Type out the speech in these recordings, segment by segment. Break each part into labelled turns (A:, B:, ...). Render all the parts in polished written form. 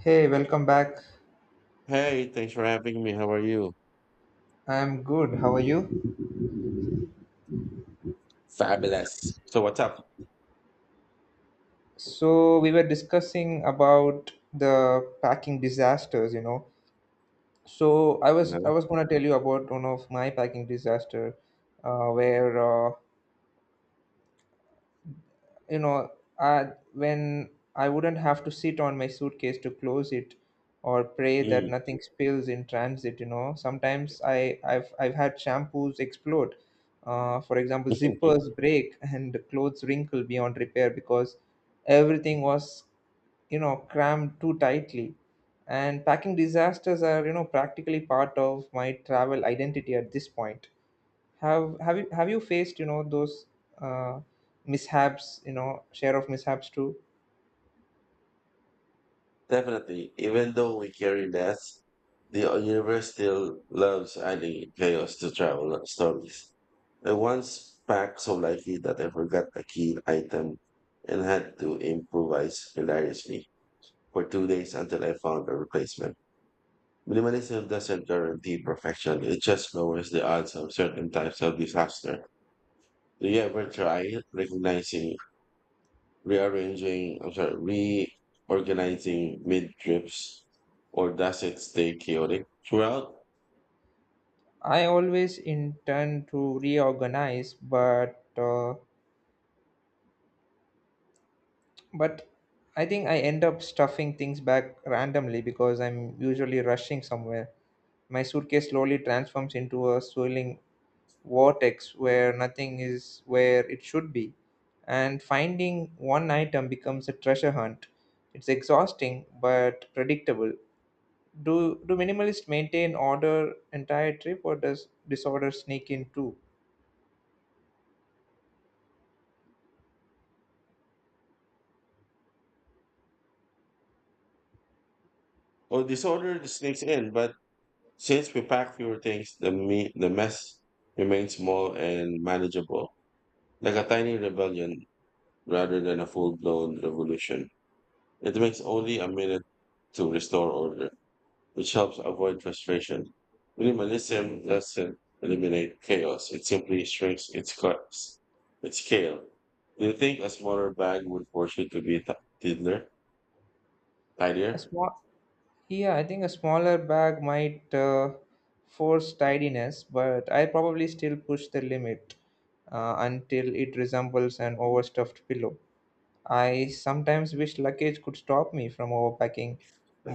A: Hey, welcome back.
B: Hey, thanks for having me. How are you?
A: I'm good. How are you?
B: Fabulous. So what's up?
A: We were discussing about the packing disasters. I
B: You
A: was
B: know?
A: I was going to tell you about one of my packing disaster where uh, you know uh, when I wouldn't have to sit on my suitcase to close it or pray that
B: Mm.
A: nothing spills in transit. Sometimes I've had shampoos explode, for example, zippers break and clothes wrinkle beyond repair because everything was, crammed too tightly. And packing disasters are, practically part of my travel identity at this point. Have you faced, those uh, mishaps, share of mishaps too?
B: Definitely. Even though we carry less, the universe still loves adding chaos to travel stories. I once packed so lightly that I forgot a key item and had to improvise hilariously for 2 days until I found a replacement. Minimalism doesn't guarantee perfection, it just lowers the odds of certain types of disaster. Do you ever try recognizing, rearranging, I'm sorry, reorganizing mid-trips, or does it stay chaotic throughout?
A: I always intend to reorganize, but I think I end up stuffing things back randomly because I'm usually rushing somewhere. My suitcase slowly transforms into a swirling vortex where nothing is where it should be, and finding one item becomes a treasure hunt. It's exhausting but predictable. Do minimalists maintain order entire trip, or does disorder sneak in too?
B: Or disorder sneaks in, but since we pack fewer things, the mess remains small and manageable, like a tiny rebellion rather than a full-blown revolution. It takes only a minute to restore order, which helps avoid frustration. Minimalism doesn't eliminate chaos, it simply shrinks its cost, its scale. Do you think a smaller bag would force you to be tidier?
A: A
B: Tidier?
A: small, yeah, I think a smaller bag might force tidiness, but I probably still push the limit until it resembles an overstuffed pillow. I sometimes wish luggage could stop me from overpacking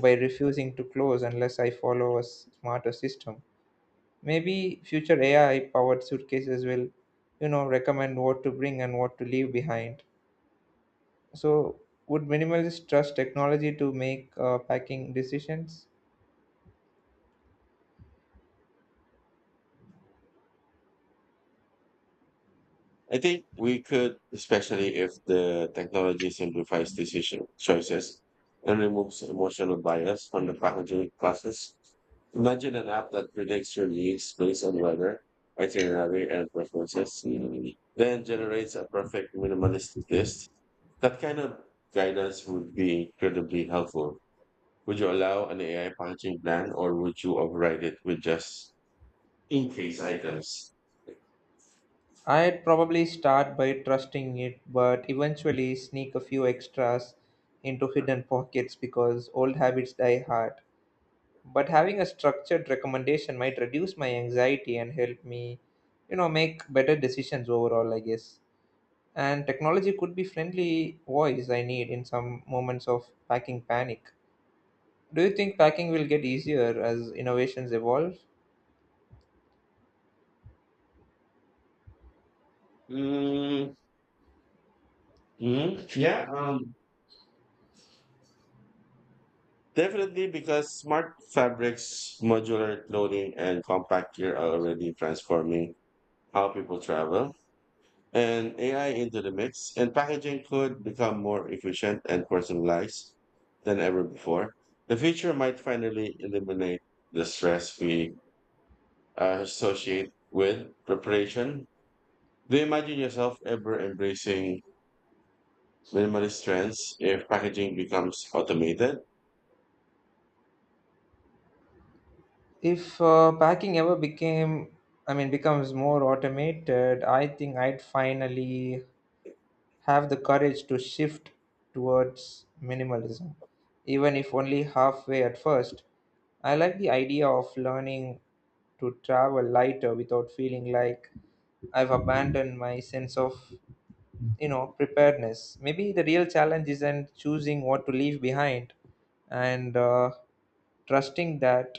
A: by refusing to close unless I follow a smarter system. Maybe future AI powered suitcases will, you know, recommend what to bring and what to leave behind. So, would minimalists trust technology to make packing decisions?
B: I think we could, especially if the technology simplifies decision choices and removes emotional bias from the packaging process. Imagine an app that predicts your needs based on weather, itinerary, and preferences, then generates a perfect minimalist list. That kind of guidance would be incredibly helpful. Would you allow an AI packaging plan, or would you override it with just in case items?
A: I'd probably start by trusting it, but eventually sneak a few extras into hidden pockets because old habits die hard. But having a structured recommendation might reduce my anxiety and help me, you know, make better decisions overall, I guess. And technology could be friendly voice I need in some moments of packing panic. Do you think packing will get easier as innovations evolve?
B: Mm, hmm. Yeah. Definitely, because smart fabrics, modular clothing, and compact gear are already transforming how people travel. And AI into the mix, and packaging could become more efficient and personalized than ever before. The future might finally eliminate the stress we associate with preparation. Do you imagine yourself ever embracing minimalist trends if packaging becomes automated?
A: If packing ever became, I mean, becomes more automated, I think I'd finally have the courage to shift towards minimalism, even if only halfway at first. I like the idea of learning to travel lighter without feeling like I've abandoned my sense of, you know, preparedness. Maybe the real challenge isn't choosing what to leave behind and trusting that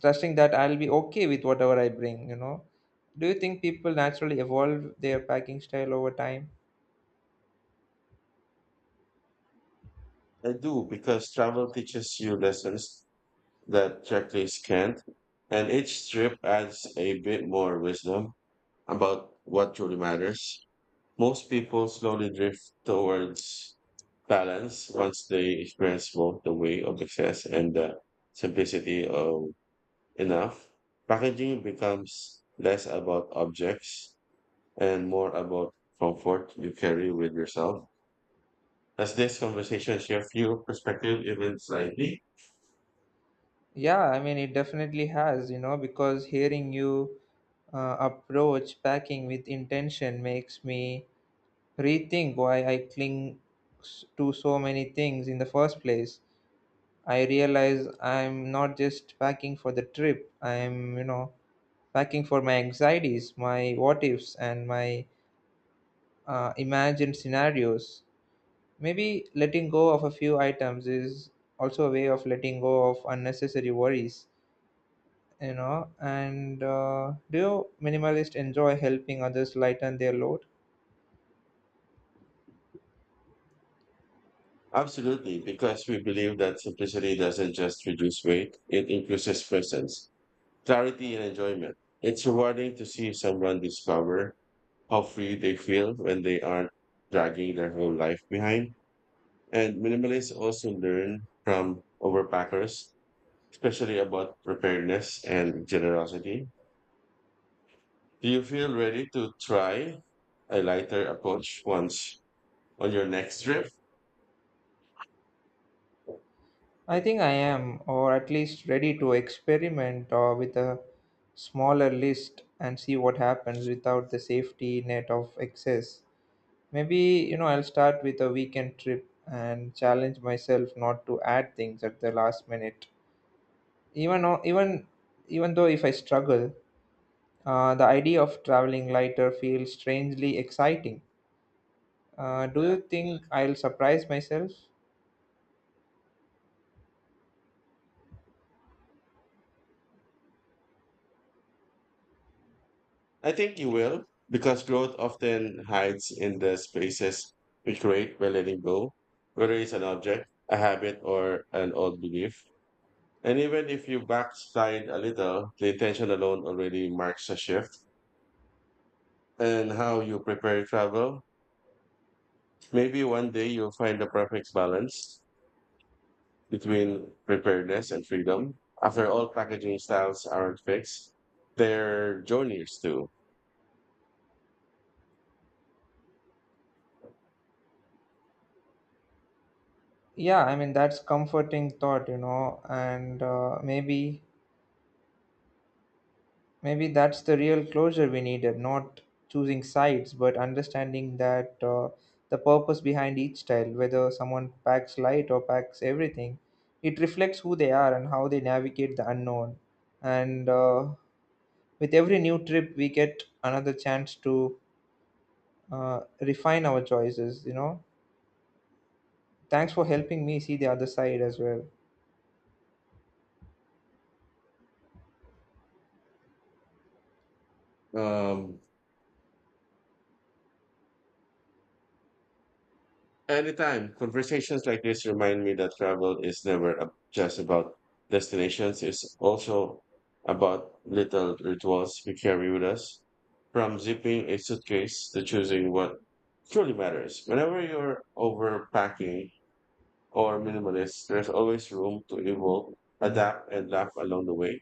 A: trusting that I'll be okay with whatever I bring, you know. Do you think people naturally evolve their packing style over time?
B: I do, because travel teaches you lessons that checklists can't, and each trip adds a bit more wisdom about what truly matters. Most people slowly drift towards balance once they experience both the way of success and the simplicity of enough. Packaging becomes less about objects and more about comfort you carry with yourself. Does this conversation shift your perspective even slightly?
A: Yeah, I mean, it definitely has, you know, because hearing you approach packing with intention makes me rethink why I cling to so many things in the first place. I realize I'm not just packing for the trip, I'm, you know, packing for my anxieties, my what ifs, and my imagined scenarios. Maybe letting go of a few items is also a way of letting go of unnecessary worries, you know. And do you minimalist enjoy helping others lighten their load?
B: Absolutely, because we believe that simplicity doesn't just reduce weight, it increases presence, clarity, and enjoyment. It's rewarding to see someone discover how free they feel when they aren't dragging their whole life behind. And minimalists also learn from overpackers, especially about preparedness and generosity. Do you feel ready to try a lighter approach once on your next trip?
A: I think I am, or at least ready to experiment with a smaller list and see what happens without the safety net of excess. Maybe, you know, I'll start with a weekend trip and challenge myself not to add things at the last minute. Even, o- even, even though if I struggle, the idea of traveling lighter feels strangely exciting. Do you think I'll surprise myself?
B: I think you will, because growth often hides in the spaces we create by letting go, whether it's an object, a habit, or an old belief. And even if you backslide a little, the intention alone already marks a shift. And how you prepare travel, maybe one day you'll find the perfect balance between preparedness and freedom. After all, packaging styles aren't fixed, they're journeys too.
A: Yeah, I mean that's comforting thought, you know, and maybe that's the real closure we needed, not choosing sides, but understanding that the purpose behind each style, whether someone packs light or packs everything, it reflects who they are and how they navigate the unknown. And with every new trip, we get another chance to refine our choices, you know. Thanks for helping me see the other side as well.
B: Um, Anytime conversations like this remind me that travel is never just about destinations, it's also about little rituals we carry with us, from zipping a suitcase to choosing what truly matters. Whenever you're overpacking or minimalist, there's always room to evolve, adapt, and laugh along the way.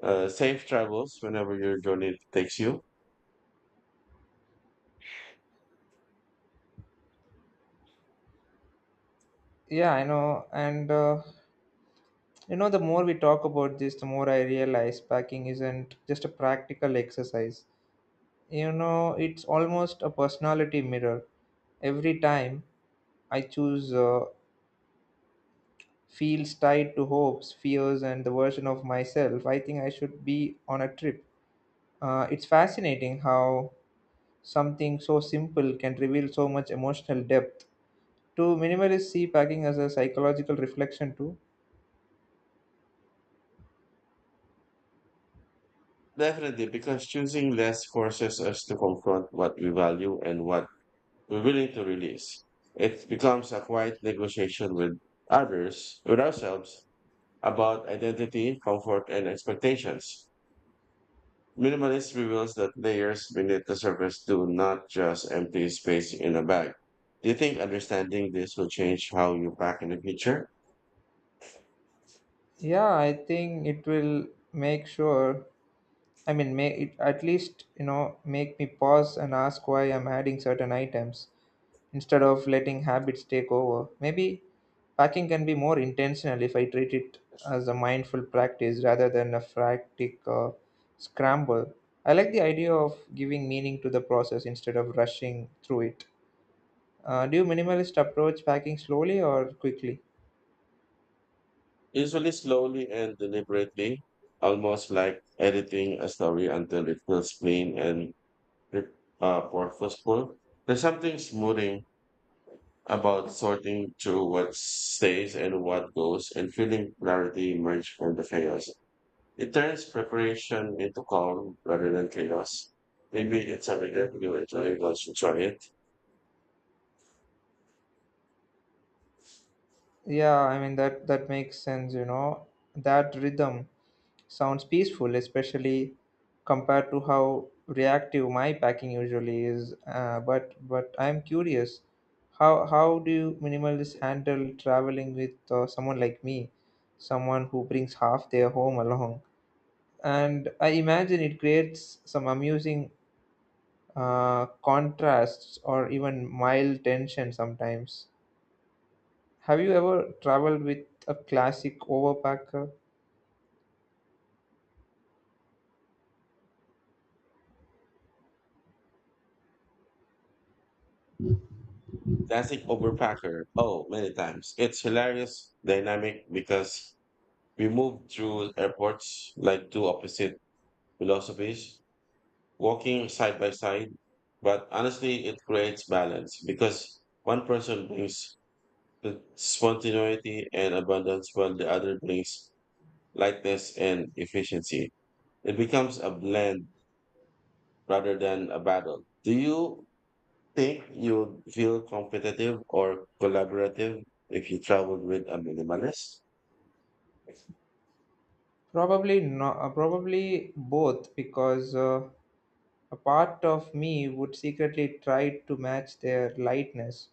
B: Safe travels whenever your journey takes you.
A: Yeah, I know, and you know, the more we talk about this, the more I realize packing isn't just a practical exercise, you know. It's almost a personality mirror. Every time I choose, feels tied to hopes, fears and the version of myself I think I should be on a trip. It's fascinating how something so simple can reveal so much emotional depth. Do minimalists see packing as a psychological reflection too?
B: Definitely, because choosing less forces us to confront what we value and what we're willing to release. It becomes a quiet negotiation with others, with ourselves, about identity, comfort, and expectations. Minimalist reveals that layers beneath the surface do not just empty space in a bag. Do you think understanding this will change how you pack in the future?
A: Yeah, I think it will make sure, I mean, may it at least, you know, make me pause and ask why I'm adding certain items instead of letting habits take over. Maybe packing can be more intentional if I treat it as a mindful practice rather than a frantic scramble. I like the idea of giving meaning to the process instead of rushing through it. Do you minimalist approach packing slowly or quickly?
B: Usually slowly and deliberately, almost like editing a story until it feels clean and purposeful. There's something smoothing about sorting through what stays and what goes and feeling clarity emerge from the chaos. It turns preparation into calm rather than chaos. Maybe it's something that you enjoy once you try it.
A: Yeah, I mean that makes sense, you know. That rhythm sounds peaceful, especially compared to how reactive my packing usually is. But I'm curious, how do you minimalists handle traveling with someone like me, someone who brings half their home along? And I imagine it creates some amusing contrasts or even mild tension sometimes. Have you ever traveled with a classic overpacker?
B: Classic overpacker. Oh, many times. It's hilarious, dynamic, because we moved through airports like two opposite philosophies, walking side by side. But honestly, it creates balance, because one person brings the spontaneity and abundance, while the other brings lightness and efficiency. It becomes a blend rather than a battle. Do you think you'd feel competitive or collaborative if you traveled with a minimalist? It's
A: Probably not. Probably both, because a part of me would secretly try to match their lightness,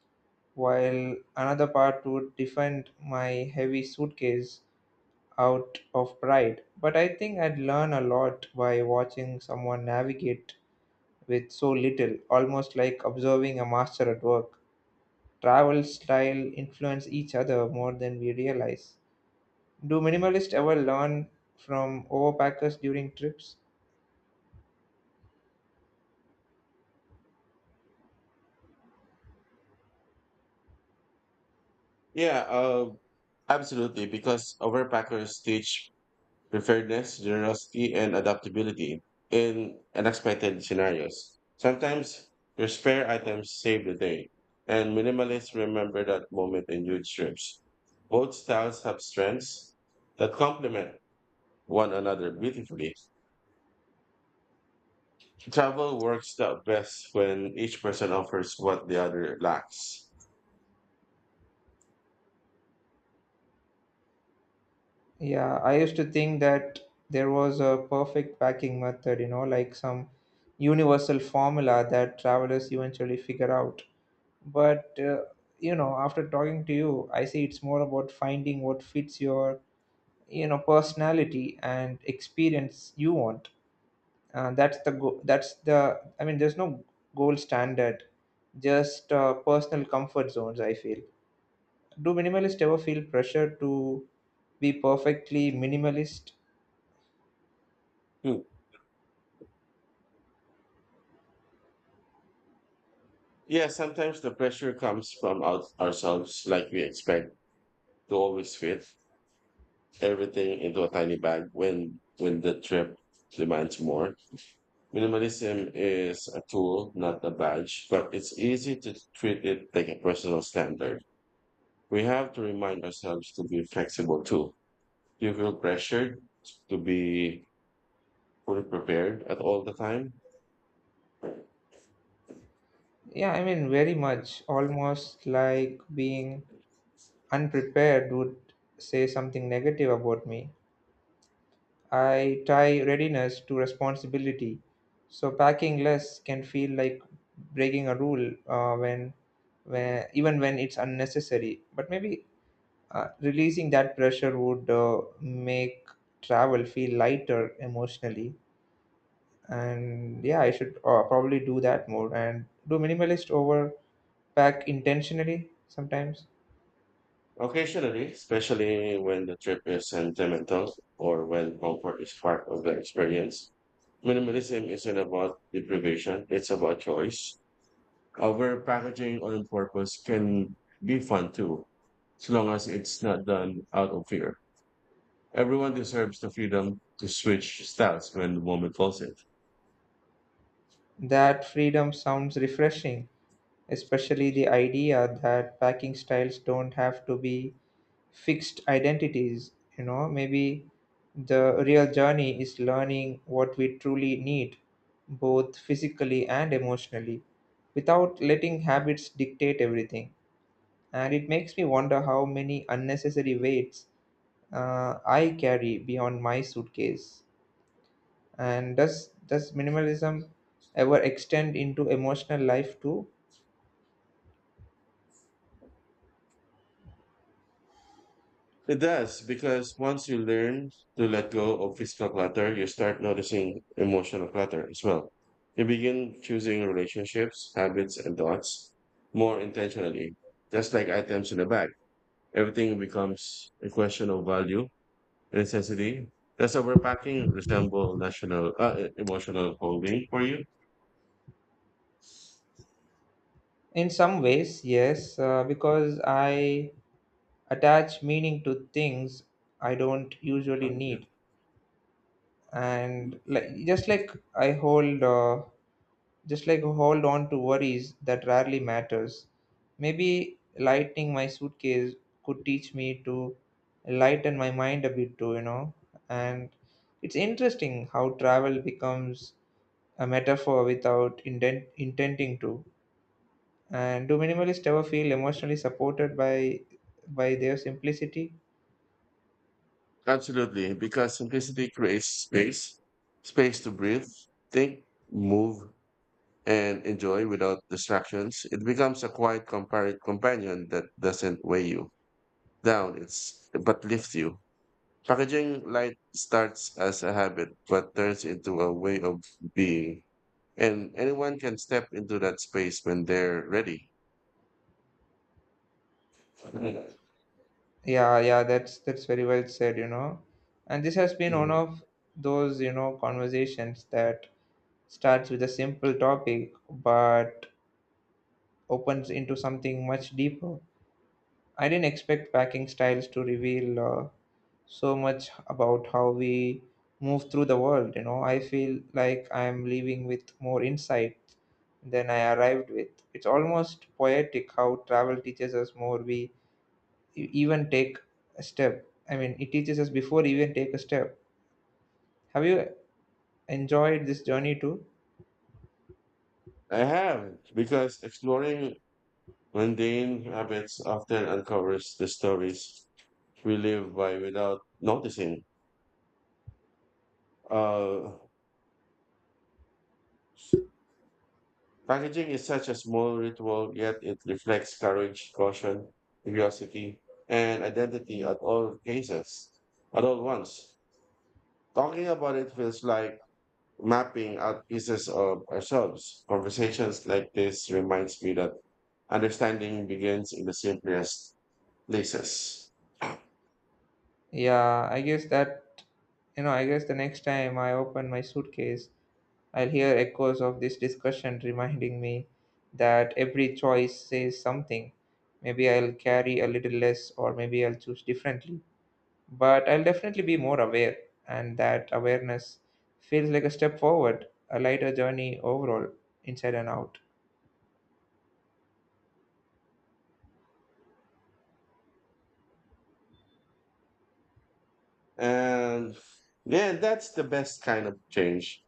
A: while another part would defend my heavy suitcase out of pride. But I think I'd learn a lot by watching someone navigate with so little, almost like observing a master at work. Travel style influence each other more than we realize. Do minimalists ever learn from overpackers during trips?
B: Yeah, absolutely. Because overpackers teach preparedness, generosity, and adaptability in unexpected scenarios. Sometimes your spare items save the day, and minimalists remember that moment in huge trips. Both styles have strengths that complement one another beautifully. Travel works out best when each person offers what the other lacks.
A: Yeah, I used to think that there was a perfect packing method, you know, like some universal formula that travelers eventually figure out. But, you know, after talking to you, I see it's more about finding what fits your, you know, personality and experience you want. That's the go- that's the I mean, there's no gold standard, just personal comfort zones, I feel. Do minimalists ever feel pressure to be perfectly minimalist?
B: Hmm. Yeah, sometimes the pressure comes from out ourselves, like we expect to always fit everything into a tiny bag when the trip demands more. Minimalism is a tool, not a badge, but it's easy to treat it like a personal standard. We have to remind ourselves to be flexible too. You feel pressured to be fully prepared at all the time.
A: Yeah, I mean, very much. Almost like being unprepared would say something negative about me. I tie readiness to responsibility. So packing less can feel like breaking a rule even when it's unnecessary. But maybe releasing that pressure would make travel feel lighter emotionally. And yeah, I should probably do that more. And do minimalist over pack intentionally sometimes?
B: Occasionally, especially when the trip is sentimental or when comfort is part of the experience. Minimalism isn't about deprivation, it's about choice. However, packaging on purpose can be fun too, as long as it's not done out of fear. Everyone deserves the freedom to switch styles when the moment calls it.
A: That freedom sounds refreshing, especially the idea that packing styles don't have to be fixed identities, you know. Maybe the real journey is learning what we truly need, both physically and emotionally, without letting habits dictate everything. And it makes me wonder how many unnecessary weights I carry beyond my suitcase. And does minimalism ever extend into emotional life too?
B: It does, because once you learn to let go of physical clutter, you start noticing emotional clutter as well. You begin choosing relationships, habits, and thoughts more intentionally, just like items in a bag. Everything becomes a question of value and necessity. Does overpacking resemble national emotional holding for you?
A: In some ways, yes, because I attach meaning to things I don't usually need, and like just like I hold. Just like hold on to worries that rarely matters. Maybe lightening my suitcase could teach me to lighten my mind a bit too, you know. And it's interesting how travel becomes a metaphor without intending to. And do minimalists ever feel emotionally supported by their simplicity?
B: Absolutely, because simplicity creates space, space to breathe, think, move, and enjoy without distractions. It becomes a quiet companion that doesn't weigh you down, it's but lifts you. Packaging light starts as a habit but turns into a way of being, and anyone can step into that space when they're ready. Mm.
A: Yeah, that's very well said, you know. And this has been one of those, you know, conversations that starts with a simple topic but opens into something much deeper. I didn't expect packing styles to reveal so much about how we move through the world. You know, I feel like I'm leaving with more insight than I arrived with. It's almost poetic how travel teaches us more. We e- even take a step. I mean, it teaches us before we even take a step. Have you enjoyed this journey too?
B: I have, because exploring mundane habits often uncovers the stories we live by without noticing. Uh, Packaging is such a small ritual, yet it reflects courage, caution, curiosity, and identity at all cases, at all once. Talking about it feels like mapping out pieces of ourselves. Conversations like this reminds me that understanding begins in the simplest places.
A: Yeah, I guess that, you know, I guess the next time I open my suitcase, I'll hear echoes of this discussion reminding me that every choice says something. Maybe I'll carry a little less, or maybe I'll choose differently. But I'll definitely be more aware, and that awareness feels like a step forward, a lighter journey overall, inside and out.
B: And yeah, that's the best kind of change.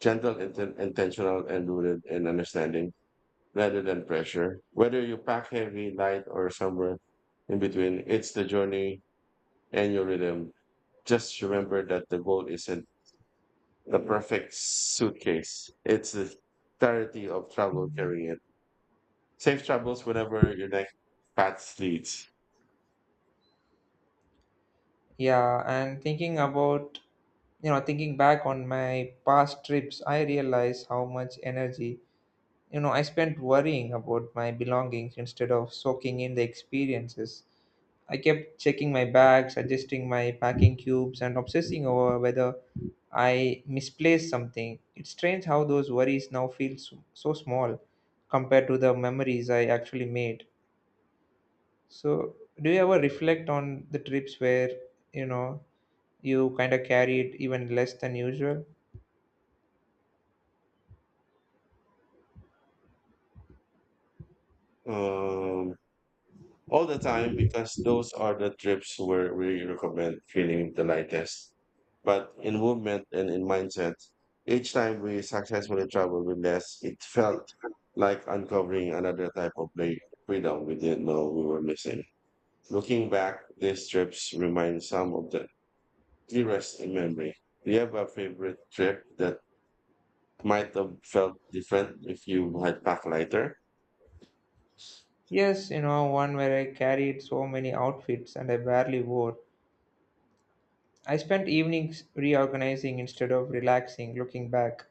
B: Gentle, intentional, and rooted in understanding, rather than pressure. Whether you pack heavy, light, or somewhere in between, it's the journey and your rhythm. Just remember that the goal isn't the perfect suitcase. It's the clarity of travel carrying it. Safe travels whenever your next path leads.
A: Yeah, and thinking about, you know, thinking back on my past trips, I realize how much energy, you know, I spent worrying about my belongings instead of soaking in the experiences. I kept checking my bags, adjusting my packing cubes, and obsessing over whether I misplaced something. It's strange how those worries now feel so, so small compared to the memories I actually made. So, do you ever reflect on the trips where, you know, you kind of carried even less than usual?
B: Um, all the time, because those are the trips where we recommend feeling the lightest. But in movement and in mindset, each time we successfully traveled with less, it felt like uncovering another type of play freedom we didn't know we were missing. Looking back, these trips remind some of the clearest in memory. Do you have a favorite trip that might have felt different if you had packed lighter?
A: Yes, you know, one where I carried so many outfits and I barely wore. I spent evenings reorganizing instead of relaxing. Looking back,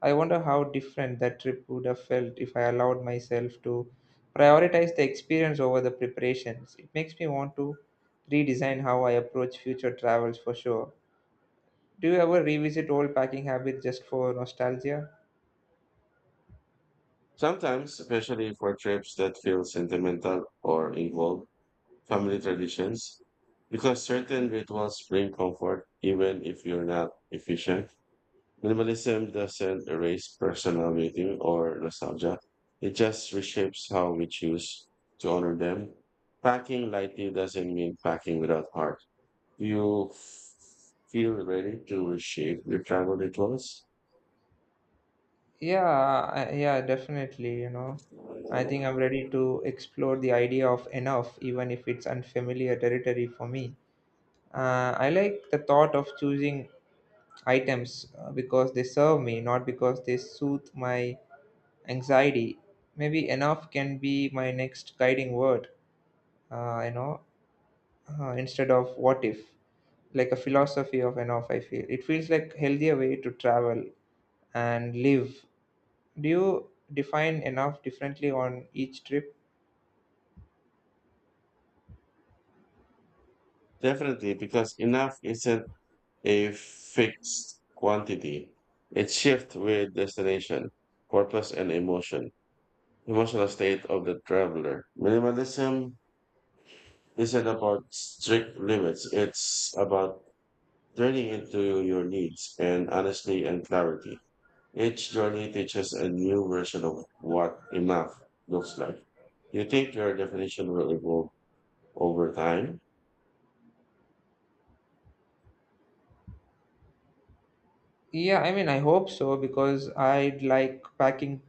A: I wonder how different that trip would have felt if I allowed myself to prioritize the experience over the preparations. It makes me want to redesign how I approach future travels for sure. Do you ever revisit old packing habits just for nostalgia?
B: Sometimes, especially for trips that feel sentimental or involved family traditions, because certain rituals bring comfort even if you're not efficient. Minimalism doesn't erase personal meaning or nostalgia. It just reshapes how we choose to honor them. Packing lightly doesn't mean packing without heart. Do you feel ready to reshape your travel rituals?
A: Yeah, definitely. You know, I think I'm ready to explore the idea of enough, even if it's unfamiliar territory for me. I like the thought of choosing items because they serve me, not because they soothe my anxiety. Maybe enough can be my next guiding word, uh, you know, instead of what if, like a philosophy of enough, I feel. It feels like healthier way to travel and live. Do you define enough differently on each trip?
B: Definitely, because enough isn't a fixed quantity. It shifts with destination, purpose, and emotion. Emotional state of the traveler. Minimalism isn't about strict limits. It's about turning into your needs and honesty and clarity. Each journey teaches a new version of what enough looks like. You think your definition will evolve over time?
A: Yeah, I mean, I hope so because I'd like packing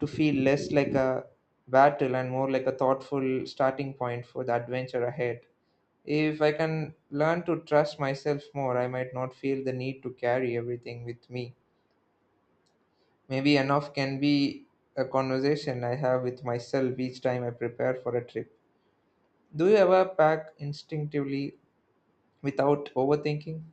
A: to feel less like a battle and more like a thoughtful starting point for the adventure ahead. If I can learn to trust myself more, I might not feel the need to carry everything with me. Maybe enough can be a conversation I have with myself each time I prepare for a trip. Do you ever pack instinctively without overthinking?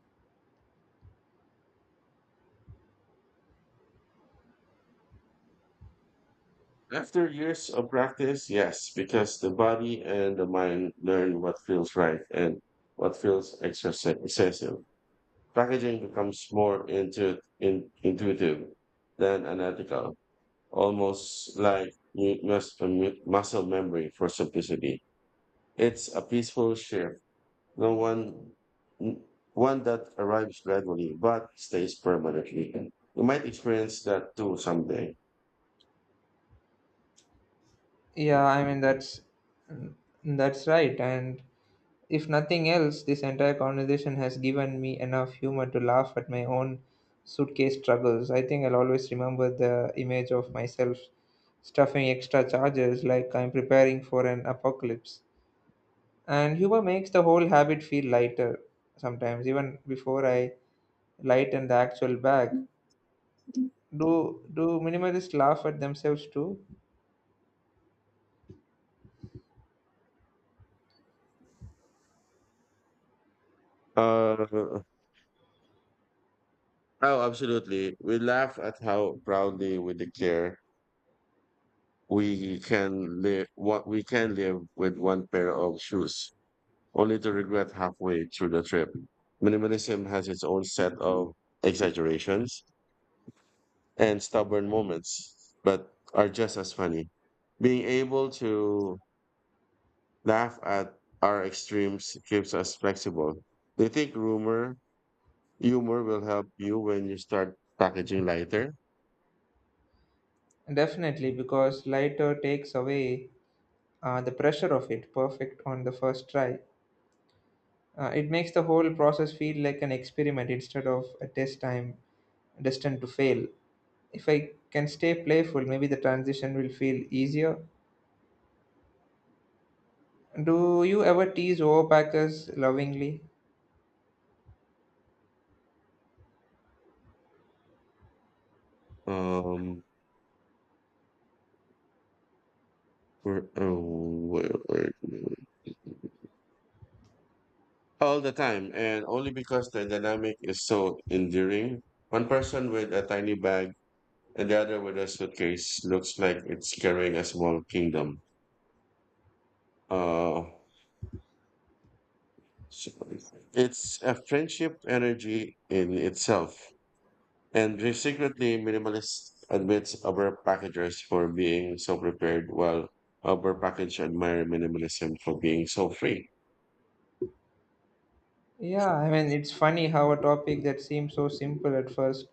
B: After years of practice, yes, because the body and the mind learn what feels right and what feels excessive. Packaging becomes more intuitive than unethical, almost like muscle memory for simplicity. It's a peaceful shift, no one, n- one that arrives gradually but stays permanently. You might experience that too someday.
A: Yeah, I mean that's right. And if nothing else, this entire conversation has given me enough humor to laugh at my own suitcase struggles. I think I'll always remember the image of myself stuffing extra charges like I'm preparing for an apocalypse. And humor makes the whole habit feel lighter sometimes, even before I lighten the actual bag. Do minimalists laugh at themselves too?
B: Uh, Oh, absolutely. We laugh at how proudly we declare we can live what we can live with one pair of shoes, only to regret halfway through the trip. Minimalism has its own set of exaggerations and stubborn moments, but are just as funny. Being able to laugh at our extremes keeps us flexible. Do you think rumor humor will help you when you start packaging lighter?
A: Definitely, because lighter takes away the pressure of it perfect on the first try. It makes the whole process feel like an experiment instead of a test time destined to fail. If I can stay playful, maybe the transition will feel easier. Do you ever tease overpackers lovingly?
B: Um, For oh, where- All the time, and only because the dynamic is so endearing. One person with a tiny bag and the other with a suitcase looks like it's carrying a small kingdom. Uh, so it's a friendship energy in itself, and the secretly minimalist admits overpackagers for being so prepared, while overpackage admire minimalism for being so free.
A: Yeah, I mean, it's funny how a topic that seemed so simple at first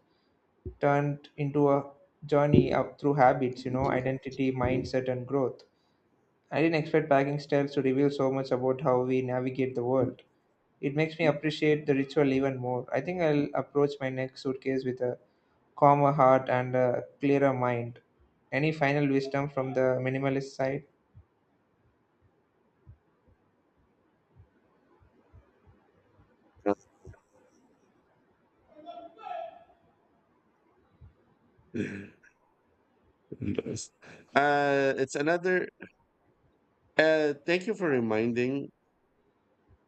A: turned into a journey up through habits, you know, identity, mindset, and growth. I didn't expect packing styles to reveal so much about how we navigate the world. It makes me appreciate the ritual even more. I think I'll approach my next suitcase with a calmer heart and a clearer mind. Any final wisdom from the minimalist side?
B: Yes. It's another. Thank you for reminding.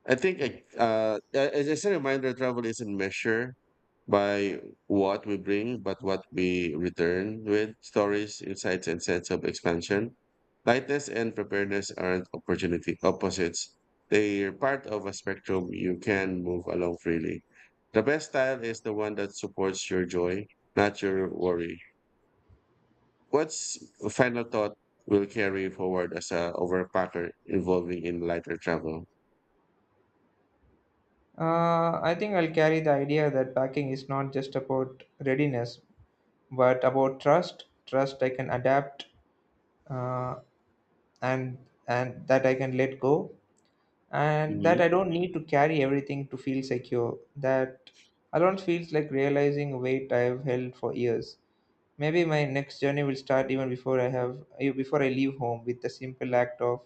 B: I think like, a- As a reminder, travel isn't measured by what we bring, but what we return with stories, insights, and sense of expansion. Lightness and preparedness aren't opportunity opposites. They are part of a spectrum you can move along freely. The best style is the one that supports your joy, not your worry. What's a final thought will carry forward as a overpacker involving in lighter travel?
A: I think I'll carry the idea that packing is not just about readiness, but about trust. Trust I can adapt, uh, and and that I can let go, and that I don't need to carry everything to feel secure. That alone feels like realizing a weight I've held for years. Maybe my next journey will start even before I before I leave home with the simple act of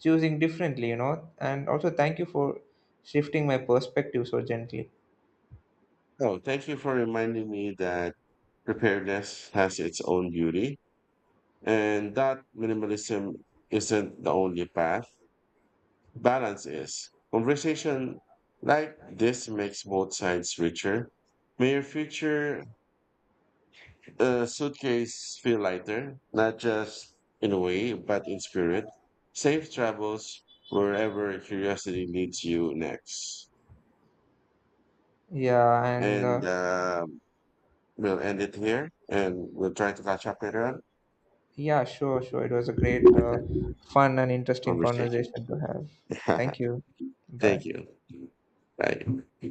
A: choosing differently, you know. And also thank you for shifting my perspective so gently.
B: Oh, thank you for reminding me that preparedness has its own beauty and that minimalism isn't the only path. Balance is. Conversation like this makes both sides richer. May your future suitcase feel lighter, not just in a way, but in spirit. Safe travels wherever curiosity leads you next.
A: Yeah, and
B: And we'll end it here, and we'll try to catch up later on.
A: yeah, sure. It was a great,
B: Okay.
A: fun and interesting
B: Conversation.
A: conversation to have. Thank you.
B: Thank
A: Bye.
B: you. Bye.